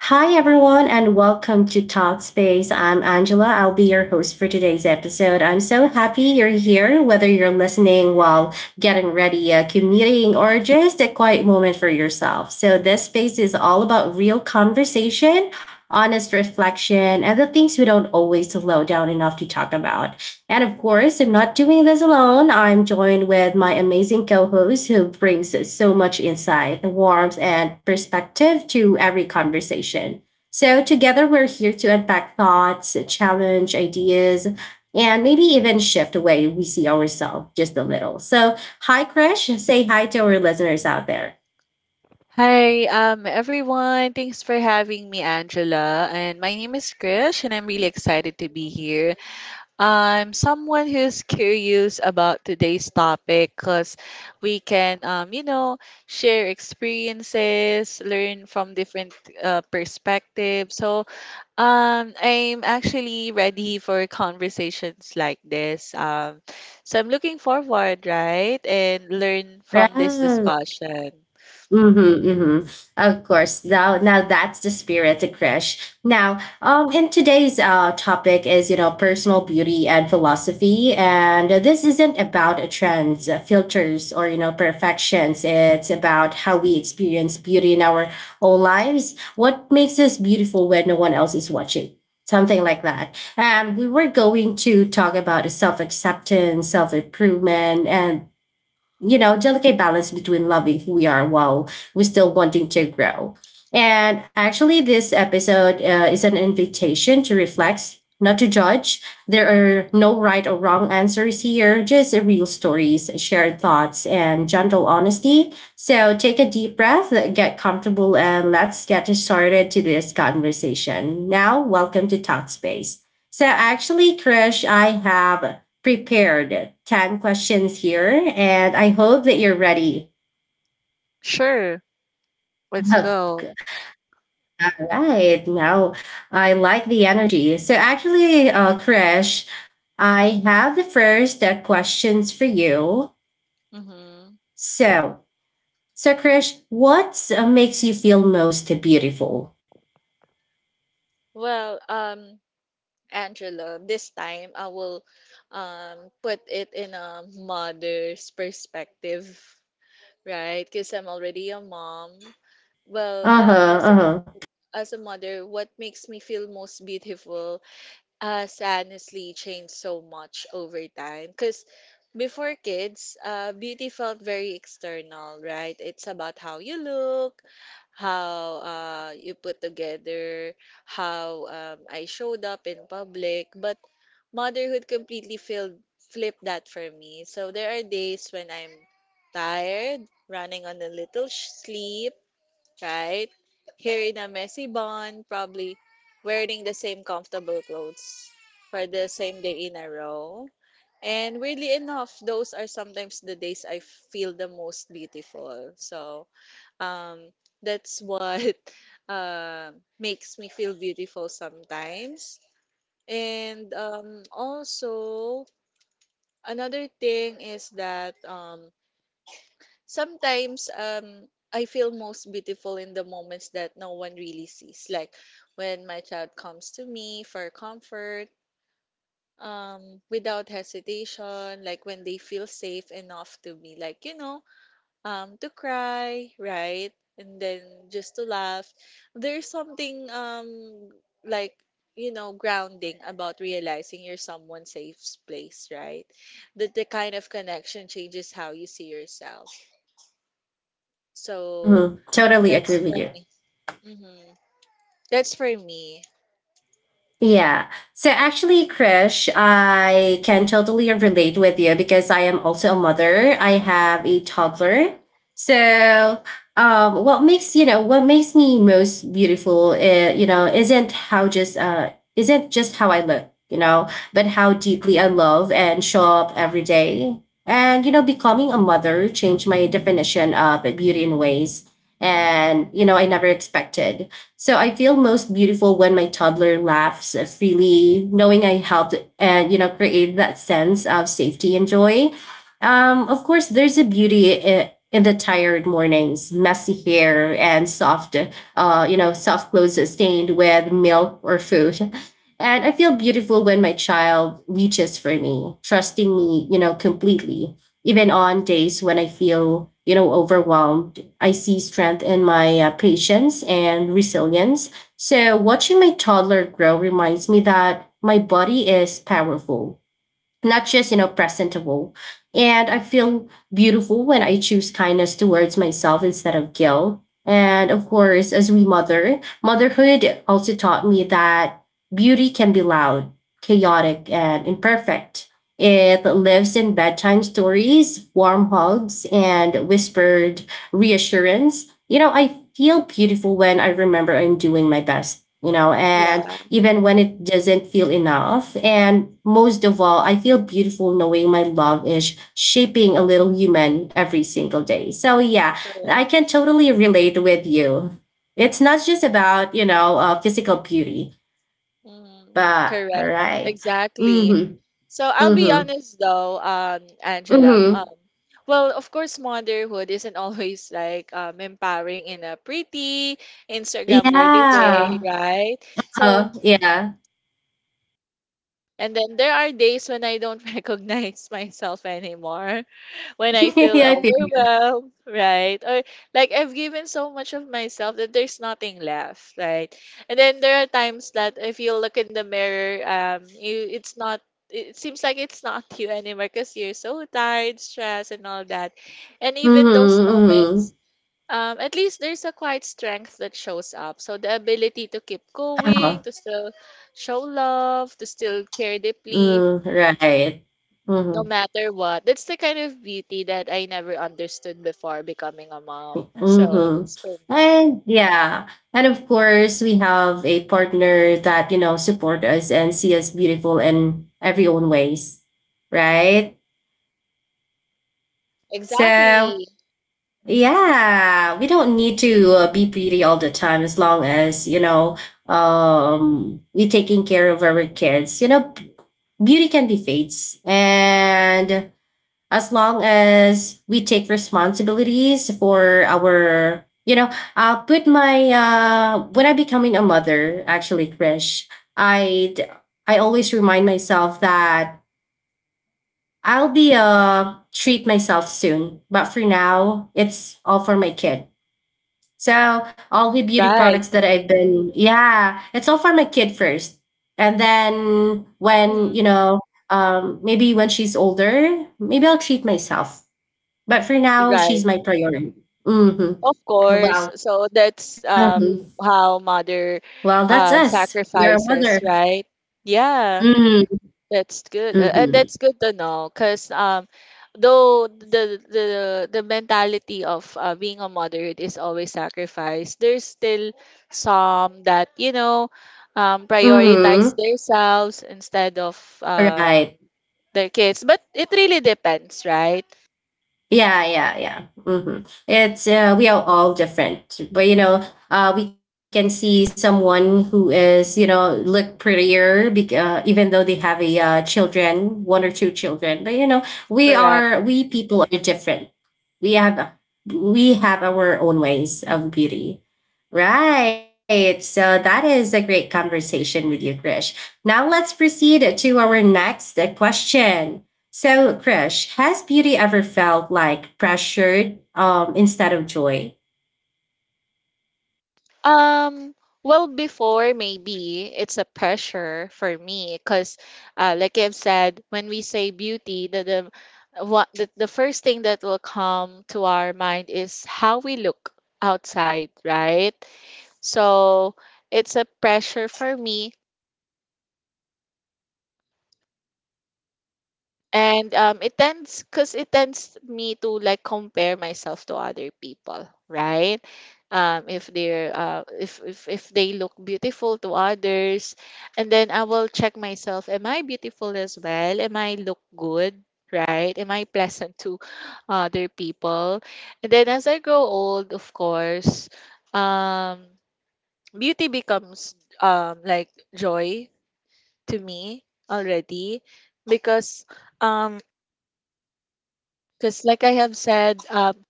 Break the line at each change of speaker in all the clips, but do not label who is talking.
Hi, everyone, and welcome to Talkspace. I'm Angela. I'll be your host for today's episode. I'm so happy you're here, whether you're listening while getting ready, commuting, or just a quiet moment for yourself. So, this space is all about real conversation, honest reflection, and the things we don't always slow down enough to talk about. And of course, I'm not doing this alone. I'm joined with my amazing co host who brings so much insight, warmth, and perspective to every conversation. So, together, we're here to unpack thoughts, challenge ideas, and maybe even shift the way we see ourselves just a little. So, hi, Krish. Say hi to our listeners out there.
Hi, everyone. Thanks for having me, Angela. And my name is Krish, and I'm really excited to be here. I'm someone who's curious about today's topic because we can, share experiences, learn from different perspectives. I'm actually ready for conversations like this. So I'm looking forward, right, and learn from this
Right.
discussion.
Mm-hmm, mm-hmm. Of course. Now that's the spirit, the crash. Now, in today's topic is you know personal beauty and philosophy, and this isn't about trends, filters, or you know perfections. It's about how we experience beauty in our own lives. What makes us beautiful when no one else is watching? Something like that. And we were going to talk about self acceptance, self improvement, and you know, delicate balance between loving who we are while we still wanting to grow. And actually, this episode is an invitation to reflect, not to judge. There are no right or wrong answers here, just real stories, shared thoughts, and gentle honesty. So take a deep breath, get comfortable, and let's get started to this conversation. Now, welcome to Talkspace. So actually, Krish, I have prepared 10 questions here, and I hope that you're ready.
Sure. Let's
Okay.
go.
All right. Now, I like the energy. So, actually, Krish, I have the first questions for you.
Mm-hmm.
So, so, Krish, what makes you feel most beautiful?
Well, um, Angela, this time I will put it in a mother's perspective, right? Because I'm already a mom. Well,
Uh huh.
uh, as a,
Uh huh.
as a mother, what makes me feel most beautiful us honestly changed so much over time because before kids, beauty felt very external, right? It's about how you look, how you put together, how I showed up in public. But motherhood flipped that for me. So there are days when I'm tired, running on a little sleep, right? Here in a messy bond, probably wearing the same comfortable clothes for the same day in a row. And weirdly enough, those are sometimes the days I feel the most beautiful. So um, that's what uh, makes me feel beautiful sometimes. And also, another thing is that sometimes I feel most beautiful in the moments that no one really sees, like when my child comes to me for comfort without hesitation, like when they feel safe enough to be like, to cry, right? And then just to laugh. There's something like grounding about realizing you're someone's safe place, right? That the kind of connection changes how you see yourself. So
Mm-hmm. Totally agree
that's for
with you.
me. Hmm. That's for me.
Yeah. So actually, Krish, I can totally relate with you because I am also a mother. I have a toddler. So, what makes you know what makes me most beautiful, you know, isn't just how I look, you know, but how deeply I love and show up every day. And you know, becoming a mother changed my definition of beauty in ways, and you know, I never expected. So I feel most beautiful when my toddler laughs freely, knowing I helped and you know create that sense of safety and joy. Of course, there's a beauty in the tired mornings, messy hair and soft, you know, soft clothes stained with milk or food. And I feel beautiful when my child reaches for me, trusting me, you know, completely, even on days when I feel, you know, overwhelmed. I see strength in my patience and resilience. So, watching my toddler grow reminds me that my body is powerful, not just you know presentable, and I feel beautiful when I choose kindness towards myself instead of guilt. And of course, as we mother motherhood also taught me that beauty can be loud, chaotic and imperfect. It lives in bedtime stories, warm hugs and whispered reassurance. You know, I feel beautiful when I remember I'm doing my best, you know, and
Yeah,
even when it doesn't feel enough. And most of all, I feel beautiful knowing my love is shaping a little human every single day. So yeah, I can
correct.
totally relate with you. It's not just about, you know, physical beauty,
Hmm.
but
Correct.
right.
Exactly.
Mm-hmm.
So I'll be
Mm-hmm.
honest though, Angela.
Mm-hmm.
Well, of course, motherhood isn't always like empowering in a pretty Instagram-worthy way,
Yeah.
right? So,
Yeah.
and then there are days when I don't recognize myself anymore, when I feel
yeah, I feel.
overwhelmed, right? Or like I've given so much of myself that there's nothing left, right? And then there are times that if you look in the mirror, you it's not, it seems like it's not you anymore because you're so tired, stressed, and all that. And even those
Mm-hmm. Mm-hmm.
moments, at least there's a quiet strength that shows up. So the ability to keep going,
Uh-huh.
to still show love, to still care deeply,
Mm, right.
no
Mm-hmm.
matter what. That's the kind of beauty that I never understood before becoming a mom. So
Mm-hmm.
that's for me.
And yeah, and of course we have a partner that you know support us and see us beautiful in every own ways, right? So
Exactly.
yeah, we don't need to be pretty all the time as long as you know we taking care of our kids. You know, beauty can be fades, and as long as we take responsibilities for our you know I'll put my when I'm becoming a mother actually Krish, i I always remind myself that I'll be treat myself soon but for now it's all for my kid. So all the beauty products
Right.
that I've been yeah it's all for my kid first. And then when you
Mhm.
know, um, maybe when she's older, maybe I'll treat myself, but for now,
Right.
she's my priority. Hmm.
Of course.
Wow.
So that's
Hmm.
how mother
Well, that's us. You're a mother.
sacrifices, right? Yeah.
Hmm.
That's good, and
Hmm.
that's good to know, cause though the mentality of being a moderate is always sacrifice, there's still some that, you know, prioritize
Hmm.
themselves instead of
Right.
their kids. But it really depends, right?
Yeah, yeah, yeah. Hmm. It's we are all different, but you know, we can see someone who is you know look prettier, even though they have a children, one or two children. But you know,
Correct.
we people are different. we have we have our own ways of beauty. Right. So that is a great conversation with you, Krish. Now let's proceed to our next question. So, Krish, has beauty ever felt like pressured instead of joy?
Um, well, before maybe it's a pressure for me because, like I've said, when we say beauty, the first thing that will come to our mind is how we look outside, right? So it's a pressure for me. And it tends, because it tends me to like compare myself to other people, right? If they're, if they look beautiful to others, and then I will check myself, am I beautiful as well? Am I look good? Right? Am I pleasant to other people? And then as I grow old, of course, um, beauty becomes like joy to me already because um like I have said, um,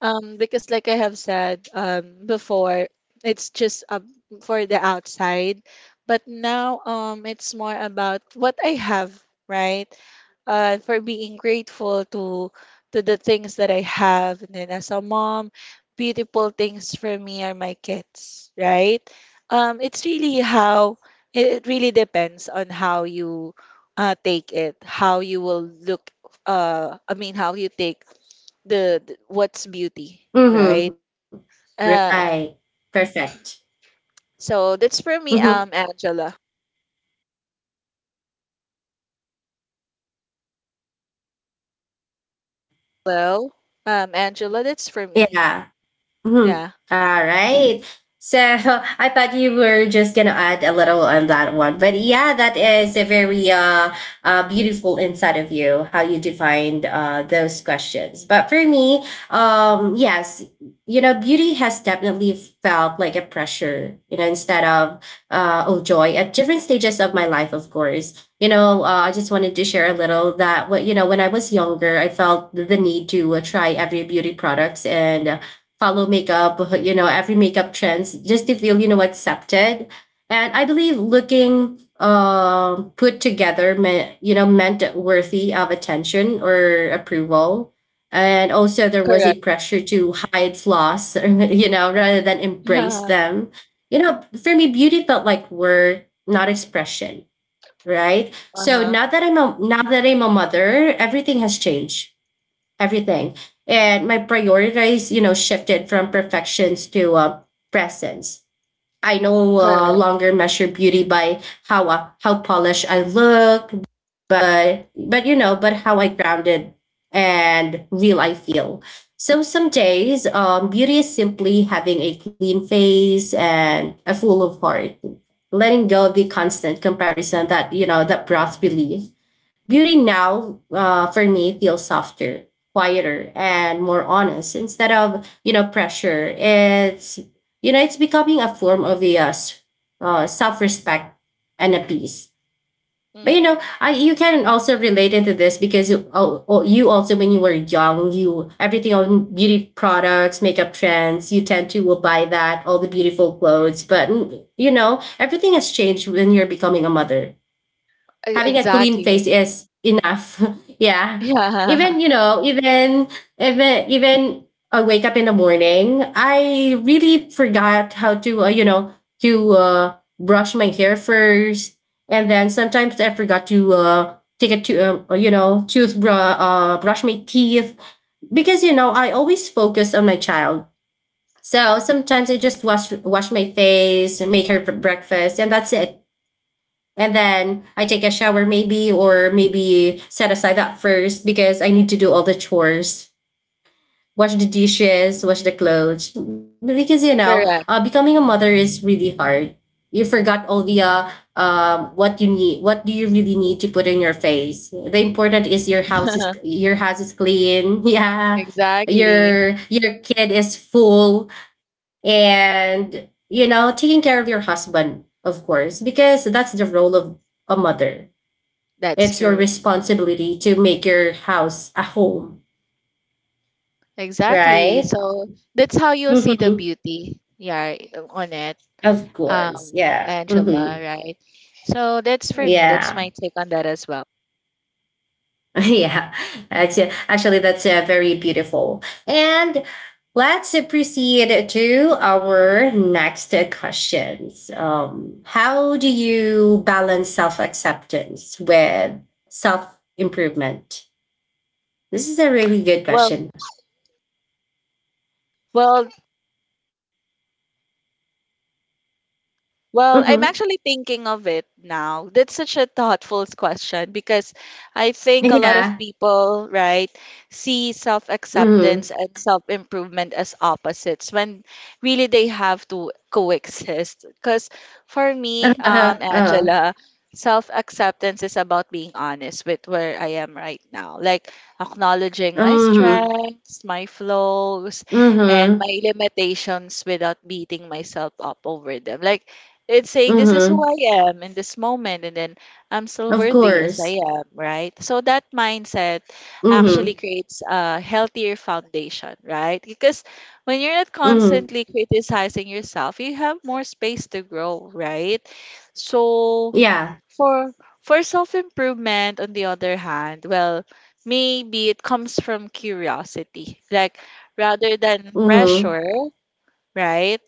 um, because like I have said before, it's just for the outside, but now it's more about what I have, right? For being grateful to the things that I have, and then as a mom, beautiful things for me are my kids, right? It's really how it really depends on how you take it, how you will look. I mean, how you take the what's beauty, right?
Mm-hmm. Right.
Uh,
Perfect.
so that's for me,
Mm-hmm.
Angela. Hello, Angela. That's for me.
Yeah. Mhm.
Yeah,
All right. So I thought you were just gonna add a little on that one, but yeah, that is a very beautiful insight of you how you defined those questions. But for me, yes, you know, beauty has definitely felt like a pressure, you know, instead of oh joy at different stages of my life. Of course, you know, I just wanted to share a little that what you know when I was younger, I felt the need to try every beauty products and follow makeup, you know, every makeup trends just to feel, you know, accepted. And I believe looking put together meant, you know, meant worthy of attention or approval. And also there was a
correct.
pressure to hide flaws, you know, rather than embrace
Yeah.
them. You know, for me, beauty felt like work, not expression, right?
Uh
So
huh.
now that I'm a mother, everything has changed, everything. And my priorities, you know, shifted from perfections to presence. I no
Correct.
longer measure beauty by how polished I look, but you know, but how I grounded and real I feel. So some days, beauty is simply having a clean face and a full of heart, letting go of the constant comparison that you know that brought belief. Beauty now, for me, feels softer, quieter, and more honest instead of you know pressure. It's you know, it's becoming a form of a self-respect and a peace. But you know,
Mm-hmm.
I you can also relate into this because you, you also when you were young, you everything on beauty products, makeup trends, you tend to will buy that all the beautiful clothes. But mm, you know, everything has changed when you're becoming a mother, having a clean face
Exactly.
is enough. Yeah,
Yeah,
even you know even I wake up in the morning, I really forgot how to you know to brush my hair first. And then sometimes I forgot to take a to you know toothbrush brush my teeth, because you know I always focus on my child. So sometimes I just wash my face, make her for breakfast and that's it. And then I take a shower, maybe, or maybe set aside that first because I need to do all the chores, wash the dishes, wash the clothes. Because you know,
correct.
becoming a mother is really hard. You forgot all the what you need, what do you really need to put in your face. The important is your house is clean. Yeah,
Exactly.
your kid is full, and you know, taking care of your husband, of course, because that's the role of a mother.
That's
It's your
true.
responsibility to make your house a home,
Exactly.
right?
So that's how you'll see the beauty, yeah, on it,
Of course.
um,
Yeah. Hmm.
Angela, right? So that's for me. That's
Yeah.
my take on that as well.
yeah. Actually, that's very beautiful. And let's proceed to our next questions. How do you balance self acceptance with self improvement? This is a really good
Well,
question.
well, Well, I'm
Mm-hmm.
actually thinking of it now. That's such a thoughtful question because I think a lot of
Yeah.
people, right, see
Mm-hmm.
self-acceptance and self-improvement as opposites when really they have to coexist. Because for me,
Uh-huh.
Angela, self-acceptance is about being honest with where I am right now, like acknowledging my
Mm-hmm.
strengths, my flaws, and
Mm-hmm.
my limitations without beating myself up over them. Like it's saying this is
Mm-hmm.
who I am in this moment, and then I'm still
Of
worthy as I
course.
am, right? So that mindset actually
Mm-hmm.
creates a healthier foundation, right? Because when you're not
Mm-hmm.
constantly criticizing yourself, you have more space to grow, right? So
Yeah.
for for self-improvement, on the other hand, well, maybe it comes from curiosity, like rather than
Mhm.
pressure, right?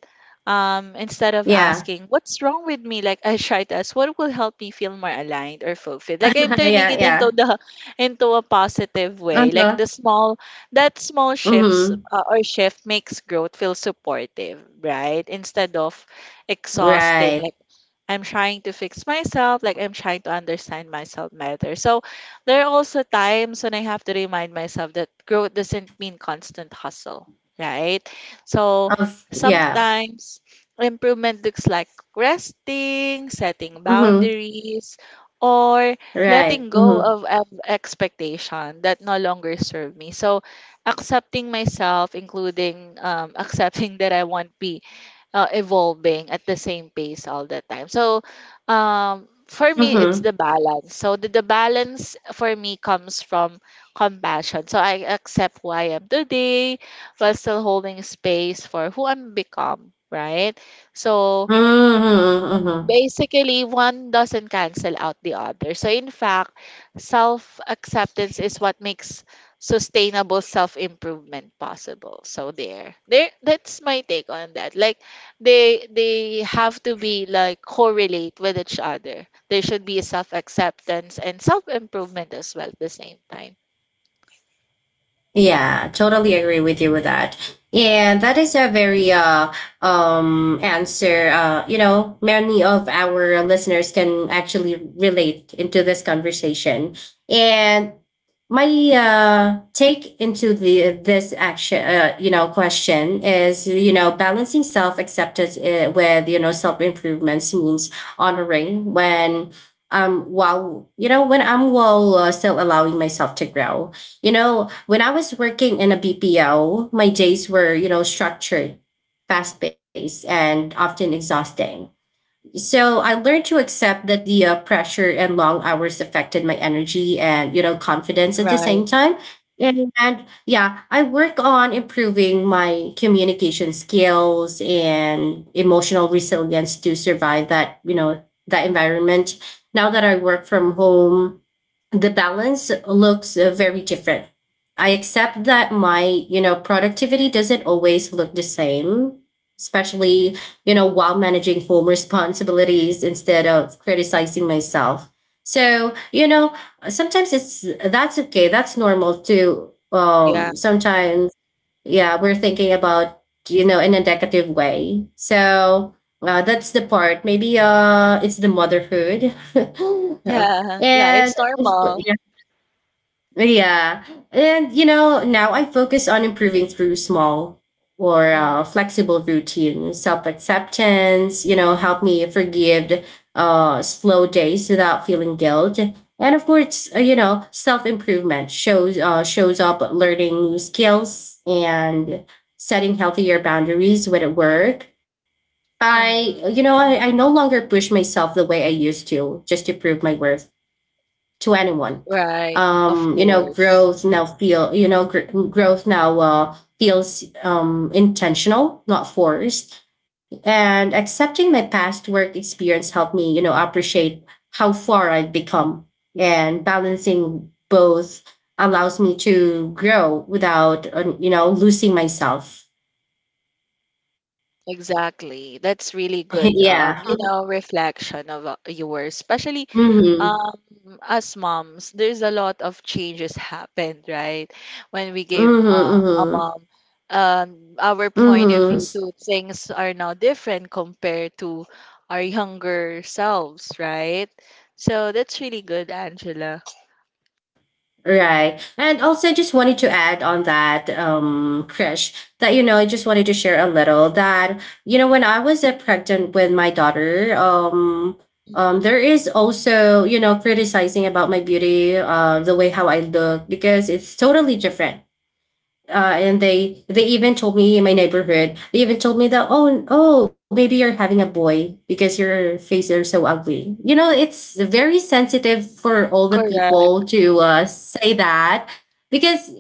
Instead of
Yeah.
asking, what's wrong with me? Like I try to ask, what will help me feel more aligned or fulfilled? Like I'm turning
Yeah,
it
yeah.
into a positive way. Like
Uh-huh.
the small that small shifts,
Mhm.
or shift makes growth feel supportive, right? Instead of exhausting.
Right.
Like I'm trying to fix myself, like I'm trying to understand myself better. So there are also times when I have to remind myself that growth doesn't mean constant hustle, right? So
Of yeah.
sometimes improvement looks like resting, setting
Mhm.
boundaries, or
Right.
letting go
Mhm.
of expectation that no longer serve me. So accepting myself, including accepting that I won't be evolving at the same pace all the time. So, for me, it's
Mhm.
the balance. So the balance for me comes from compassion. So I accept who I am today while still holding space for who I'm become, right? So
Mhm. Mhm.
basically one doesn't cancel out the other, so in fact self acceptance is what makes sustainable self improvement possible. So there, that's my take on that. Like they have to be like correlate with each other. There should be self acceptance and self improvement as well at the same time.
Yeah, totally agree with you with that. And that is a very answer. You know, many of our listeners can actually relate into this conversation. And my take into the this action you know question is you know balancing self acceptance with you know self improvements means honoring when while you know when I'm while still allowing myself to grow. You know, when I was working in a BPO, my days were, you know, structured, fast paced, and often exhausting, so I learned to accept that the pressure and long hours affected my energy and you know confidence at the
Right,
same time. And yeah, I work on improving my communication skills and emotional resilience to survive that you know that environment. Now that I work from home, the balance looks very different. I accept that my, you know, productivity doesn't always look the same, especially, you know, while managing home responsibilities instead of criticizing myself. So, you know, sometimes it's that's okay. That's normal too.
yeah,
Sometimes, yeah, we're thinking about, you know, in a negative way. So, that's the part. Maybe it's the motherhood. Uh,
yeah, yeah,
and
it's normal.
yeah. And, you know, now I focus on improving through small or
Mhm.
flexible routine, self acceptance, you know, help me forgive slow days without feeling guilt. And of course, you know, self improvement shows up learning new skills and setting healthier boundaries with at work. I, you
Mhm.
know, I no longer push myself the way I used to just to prove my worth to anyone.
Right. Of
You know,
course.
growth now feel you know gr- growth now feels intentional, not forced. And accepting my past work experience helped me, you know, appreciate how far I've become. And balancing both allows me to grow without, you know, losing myself.
Exactly. That's really good.
Yeah.
You know, reflection of yours, especially
Mm-hmm.
um as moms, there's a lot of changes happened, right? When we gave
Mm-hmm.
a
Mm-hmm.
mom, our point of
Mm-hmm.
view to things are now different compared to our younger selves, right? So that's really good, Angela.
Right. And also, I just wanted to add on that, Krish, that, you know, I just wanted to share a little that, you know, when I was pregnant with my daughter,
Mm,
there is also, you know, criticizing about my beauty, the way how I look, because it's totally different and they even told me in my neighborhood, they even told me that, oh, oh, maybe you're having a boy because your face are so ugly. You know, it's very sensitive for all the people
correct.
to say that, because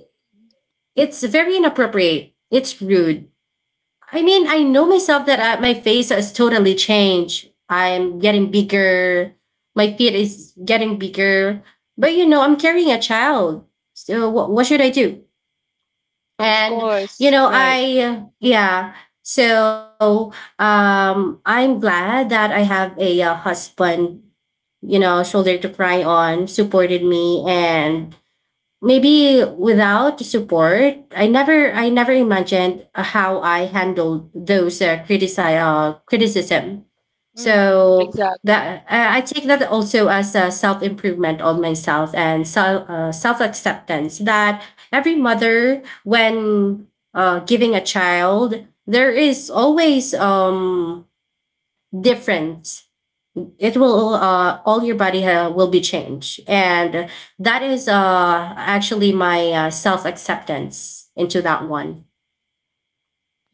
it's very inappropriate, it's rude. I mean, I know myself that, my face has totally changed, I'm getting bigger, my feet is getting bigger, but you know, I'm carrying a child. So what should I do?
Of
And, you
course,
know,
right.
I, yeah. So, I'm glad that I have a, husband, you know, shoulder to cry on, supported me. And maybe without support, I never imagined how I handled those criticism.
Mm,
So
exactly.
that I take that also as a self-improvement on myself and self, self-acceptance, that every mother, when giving a child, there is always difference. It will all your body will be changed. And that is actually my self-acceptance into that one.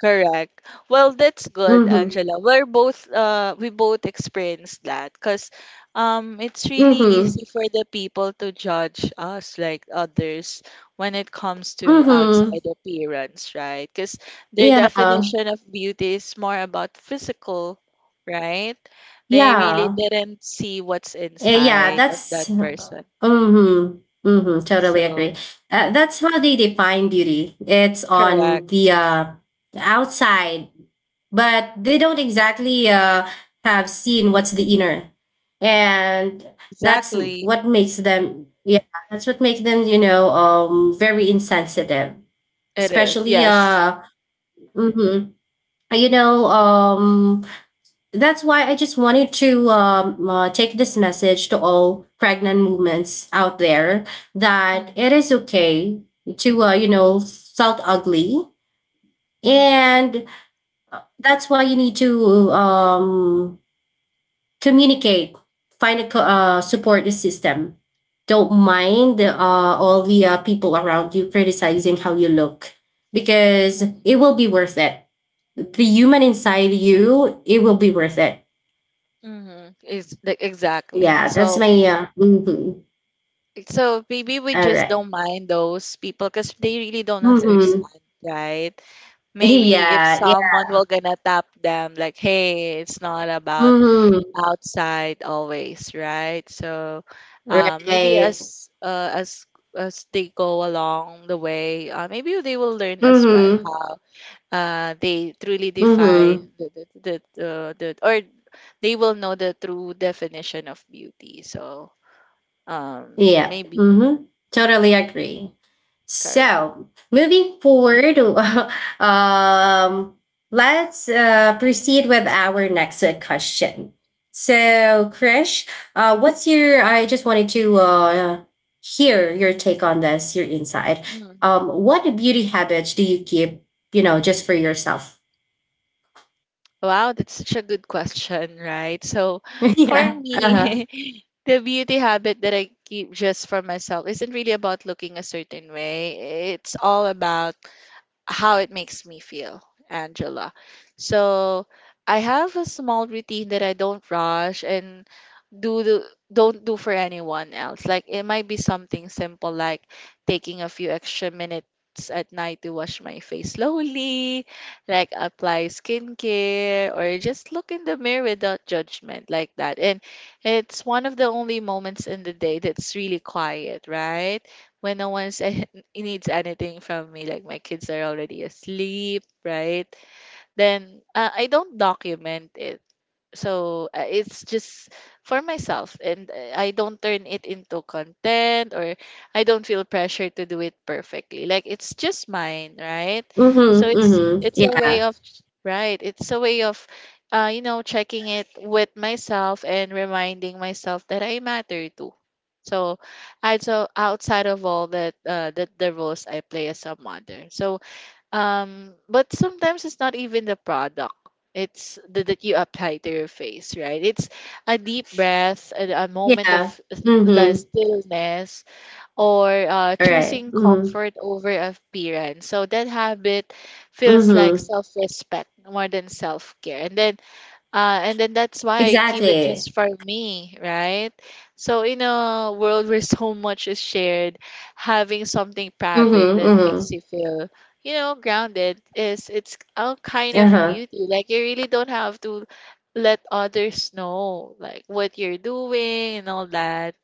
Correct. Well, that's good,
Mm-hmm.
Angela. We both experienced that because it's really easy
Mm-hmm.
for the people to judge us like others when it comes to
Mm-hmm.
outside appearance, right? Because their
Yeah,
definition of beauty is more about physical, right? They
yeah.
really didn't see what's
Eh, yeah,
inside of that
that's
person.
mm-hmm. Mm-hmm, totally agree.
So,
That's how they define beauty, it's on
correct.
the outside, but they don't exactly have seen what's the inner. And that's
Exactly.
what makes them yeah that's what makes them, you know, very insensitive,
It is.
especially
Yes.
hmm you know, that's why I just wanted to take this message to all pregnant movements out there, that
Mm-hmm.
it is okay to you know, felt ugly.
Mm-hmm.
And that's why you need to communicate, find a support system. Don't mind all the people around you criticizing how you look, because it will be worth it. The human inside you, it will be worth it.
Mm-hmm. Is like exactly.
Yeah, that's
So
my mhm.
so maybe we
All
just
right.
don't mind those people because they really don't
Mm-hmm.
understand, right? Maybe if
Yeah,
someone
yeah.
will gonna tap them like, hey, it's not about
Mm-hmm.
outside always, right? So uh, maybe
Right.
as uh, as they go along the way, maybe they will learn as well
Mm-hmm.
how they truly define
Mm-hmm.
they will know the true definition of beauty. So
Yeah.
maybe
Mm-hmm. Totally agree.
correct.
So moving forward, um, let's proceed with our next question. So, Krish, what's your? I just wanted to hear your take on this, your insight.
Mm.
What beauty habits do you keep? You know, just for yourself.
Wow, that's such a good question, right? So
Yeah.
for
Uh huh.
me, the beauty habit that I keep just for myself isn't really about looking a certain way. It's all about how it makes me feel, Angela. So I have a small routine that I don't rush and do the, don't do for anyone else. Like it might be something simple like taking a few extra minutes at night to wash my face slowly, like apply skincare or just look in the mirror without judgment, like that. And it's one of the only moments in the day that's really quiet, right? When no one's needs anything from me, like my kids are already asleep, right? Then I don't document it. So it's just for myself, and I don't turn it into content or I don't feel pressure to do it perfectly. Like it's just mine, right? So
Mm-hmm. Hmm.
it's a way
Yeah.
of right. It's a way of you know, checking it with myself and reminding myself that I matter too. So, I so outside of all that, the roles I play as a mother. So but sometimes it's not even the product. It's that you apply to your face, right? It's a deep breath, a moment of
Yeah.
like
Mm-hmm.
stillness, or
All right.
choosing
Mm-hmm.
comfort over appearance. So that habit feels like
Mm-hmm.
self-respect more than self-care. And then that's why I keep it
Exactly.
just for me, right? So in a world where so much is shared, having something private
Mm-hmm.
that
Mm-hmm.
makes you feel, you know, grounded is it's a kind of
Uh-huh.
beauty. Like you really don't have to let others know like what you're doing and all that.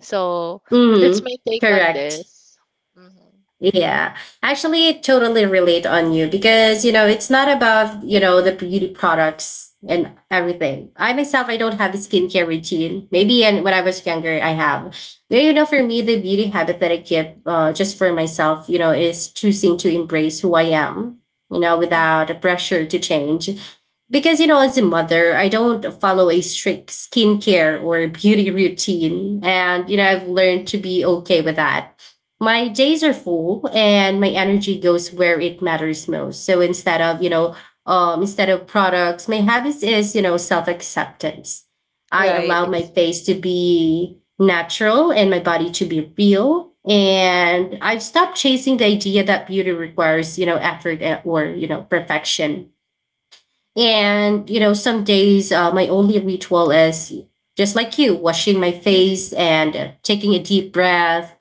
So that's
Mm-hmm.
my take on
Correct.
this. Mm-hmm.
Yeah, actually, I totally relate on you, because you know, it's not about, you know, the beauty products and everything. I myself, I don't have a skincare routine. Maybe and when I was younger, I have. But you know, for me, the beauty habit that I keep just for myself, you know, is choosing to embrace who I am. You know, without a
Hmm.
pressure to change, because you know, as a mother, I don't follow a strict skincare or beauty routine, and you know, I've
Mm-hmm.
learned to be okay with that. My days are full and my energy goes where it matters most. So instead of, you know, instead of products, my habits is, you know, self acceptance. I
Right.
allow my
Ex-
face to be natural and my body to be real. And I've stopped chasing the idea that beauty requires, you know, effort or, you know, perfection. And, you know, some days, my only ritual is just like you, washing my
Mm,
face and taking a deep breath.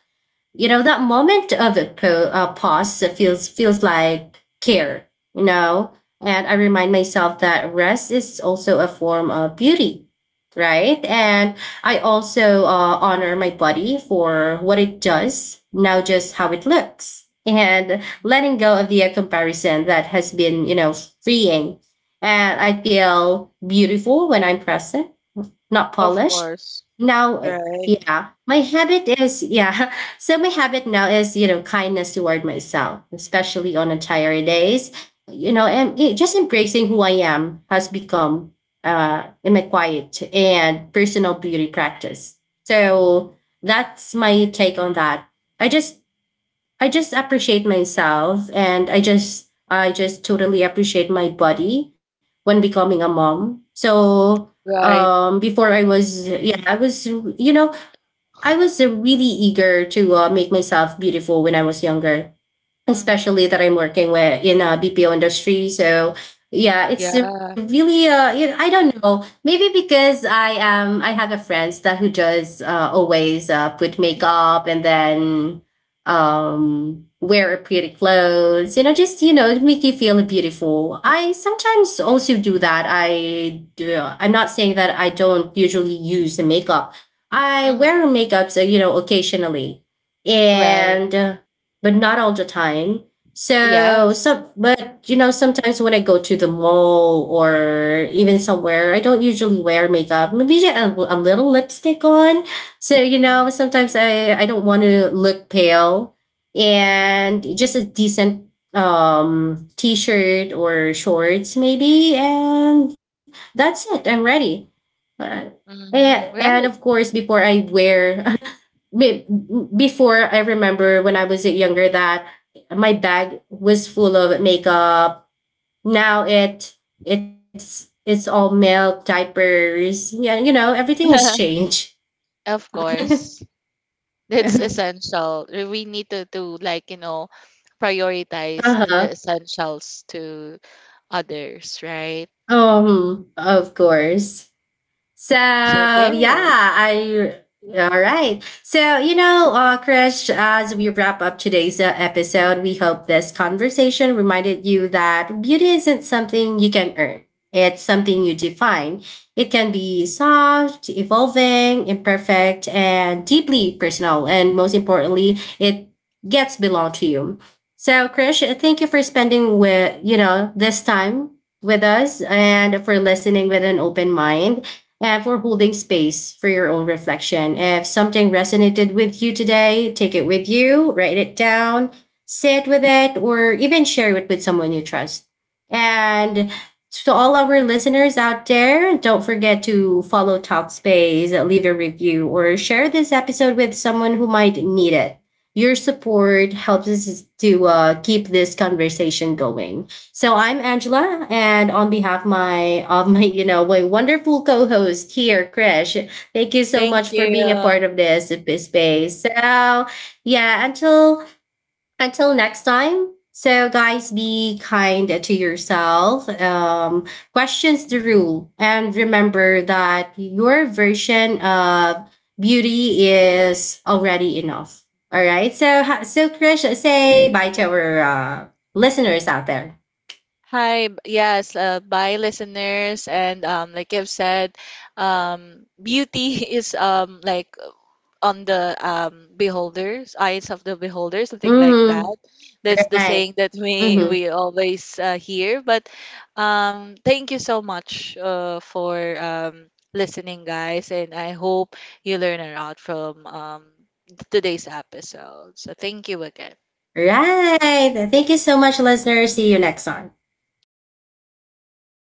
You know, that moment of a pause feels like care, you know. And I remind myself that rest is also a form of beauty, right? And I also honor my body for what it does now, just how it looks, and
mm,
letting go of the comparison that has been, you know, freeing. And I feel beautiful when I'm present, not
of
polished.
course.
Now,
Right.
yeah, my habit is, yeah. So my habit now is, you know, kindness toward myself, especially on a tired days. You know, and it, just embracing who I am has become in my quiet and personal beauty practice. So that's my take on that. I just I just appreciate myself, and I just totally appreciate my body when becoming a
Mm.
mom. So
Right.
before I was, yeah, I was, you know, I was really eager to make myself beautiful when I was younger,
Mm-hmm.
especially that I'm working with in a BPO industry. So yeah, it's a
Yeah.
really you know, I don't know. Maybe because I have a friends that who does always put makeup, and then wear pretty clothes. You know, just, you know, make you feel beautiful. I sometimes also do that. I do. I'm not saying that I don't usually use the makeup. I
Mm-hmm.
wear makeup, so you know, occasionally,
Right.
and but not all the time. So
Yes.
some, but you know, sometimes when I go to the mall or even somewhere, I don't usually wear makeup. Maybe a little lipstick on. So you know,
Mm-hmm.
sometimes I don't want to look pale, and just a decent t-shirt or shorts maybe, and that's it. I'm ready. Uh, and,
Mm-hmm.
and of
Right.
course, before I wear be- before, I remember when I was younger that my bag was full of makeup. Now it's all milk diapers. Yeah, you know, everything has changed.
Of course. That's
Uh
essential. We need to like, you know, prioritize the
huh.
essentials to others, right?
Of course. So
So there.
yeah, I, all right. So you know, Krish, as we wrap up today's episode, we hope this conversation reminded you that beauty isn't something you can earn. It's something you define. It can be soft, evolving, imperfect, and deeply personal. And most importantly, it gets belong to you. So, Krish, thank you for spending with, you know, this time with us, and for listening with an open mind, and for holding space for your own reflection. If something resonated with you today, take it with you, write it down, sit with it, or even share it with someone you trust. And to all our listeners out there, don't forget to follow Talkspace, leave a review, or share this episode with someone who might need it. Your support helps us to keep this conversation going. So I'm Angela, and on behalf my of my, you know, my wonderful co-host here, Krish, thank you so much
Thank
for being a part
you.
of this space. So yeah, until next time. So guys, be kind to yourself. Questions the rule, and remember that your version of beauty is already enough. All right. So so Krish, say bye to our listeners out there.
Hi, yes, bye listeners. And like I've said, beauty is like on the beholders, eyes of the beholder, something like that.
Hmm.
That's the
Right.
saying that we
Hmm.
we always hear, but thank you so much for listening, guys, and I hope you learn a lot from today's episode. So thank you again.
Right. Thank you so much, listeners. See you next time.
All right.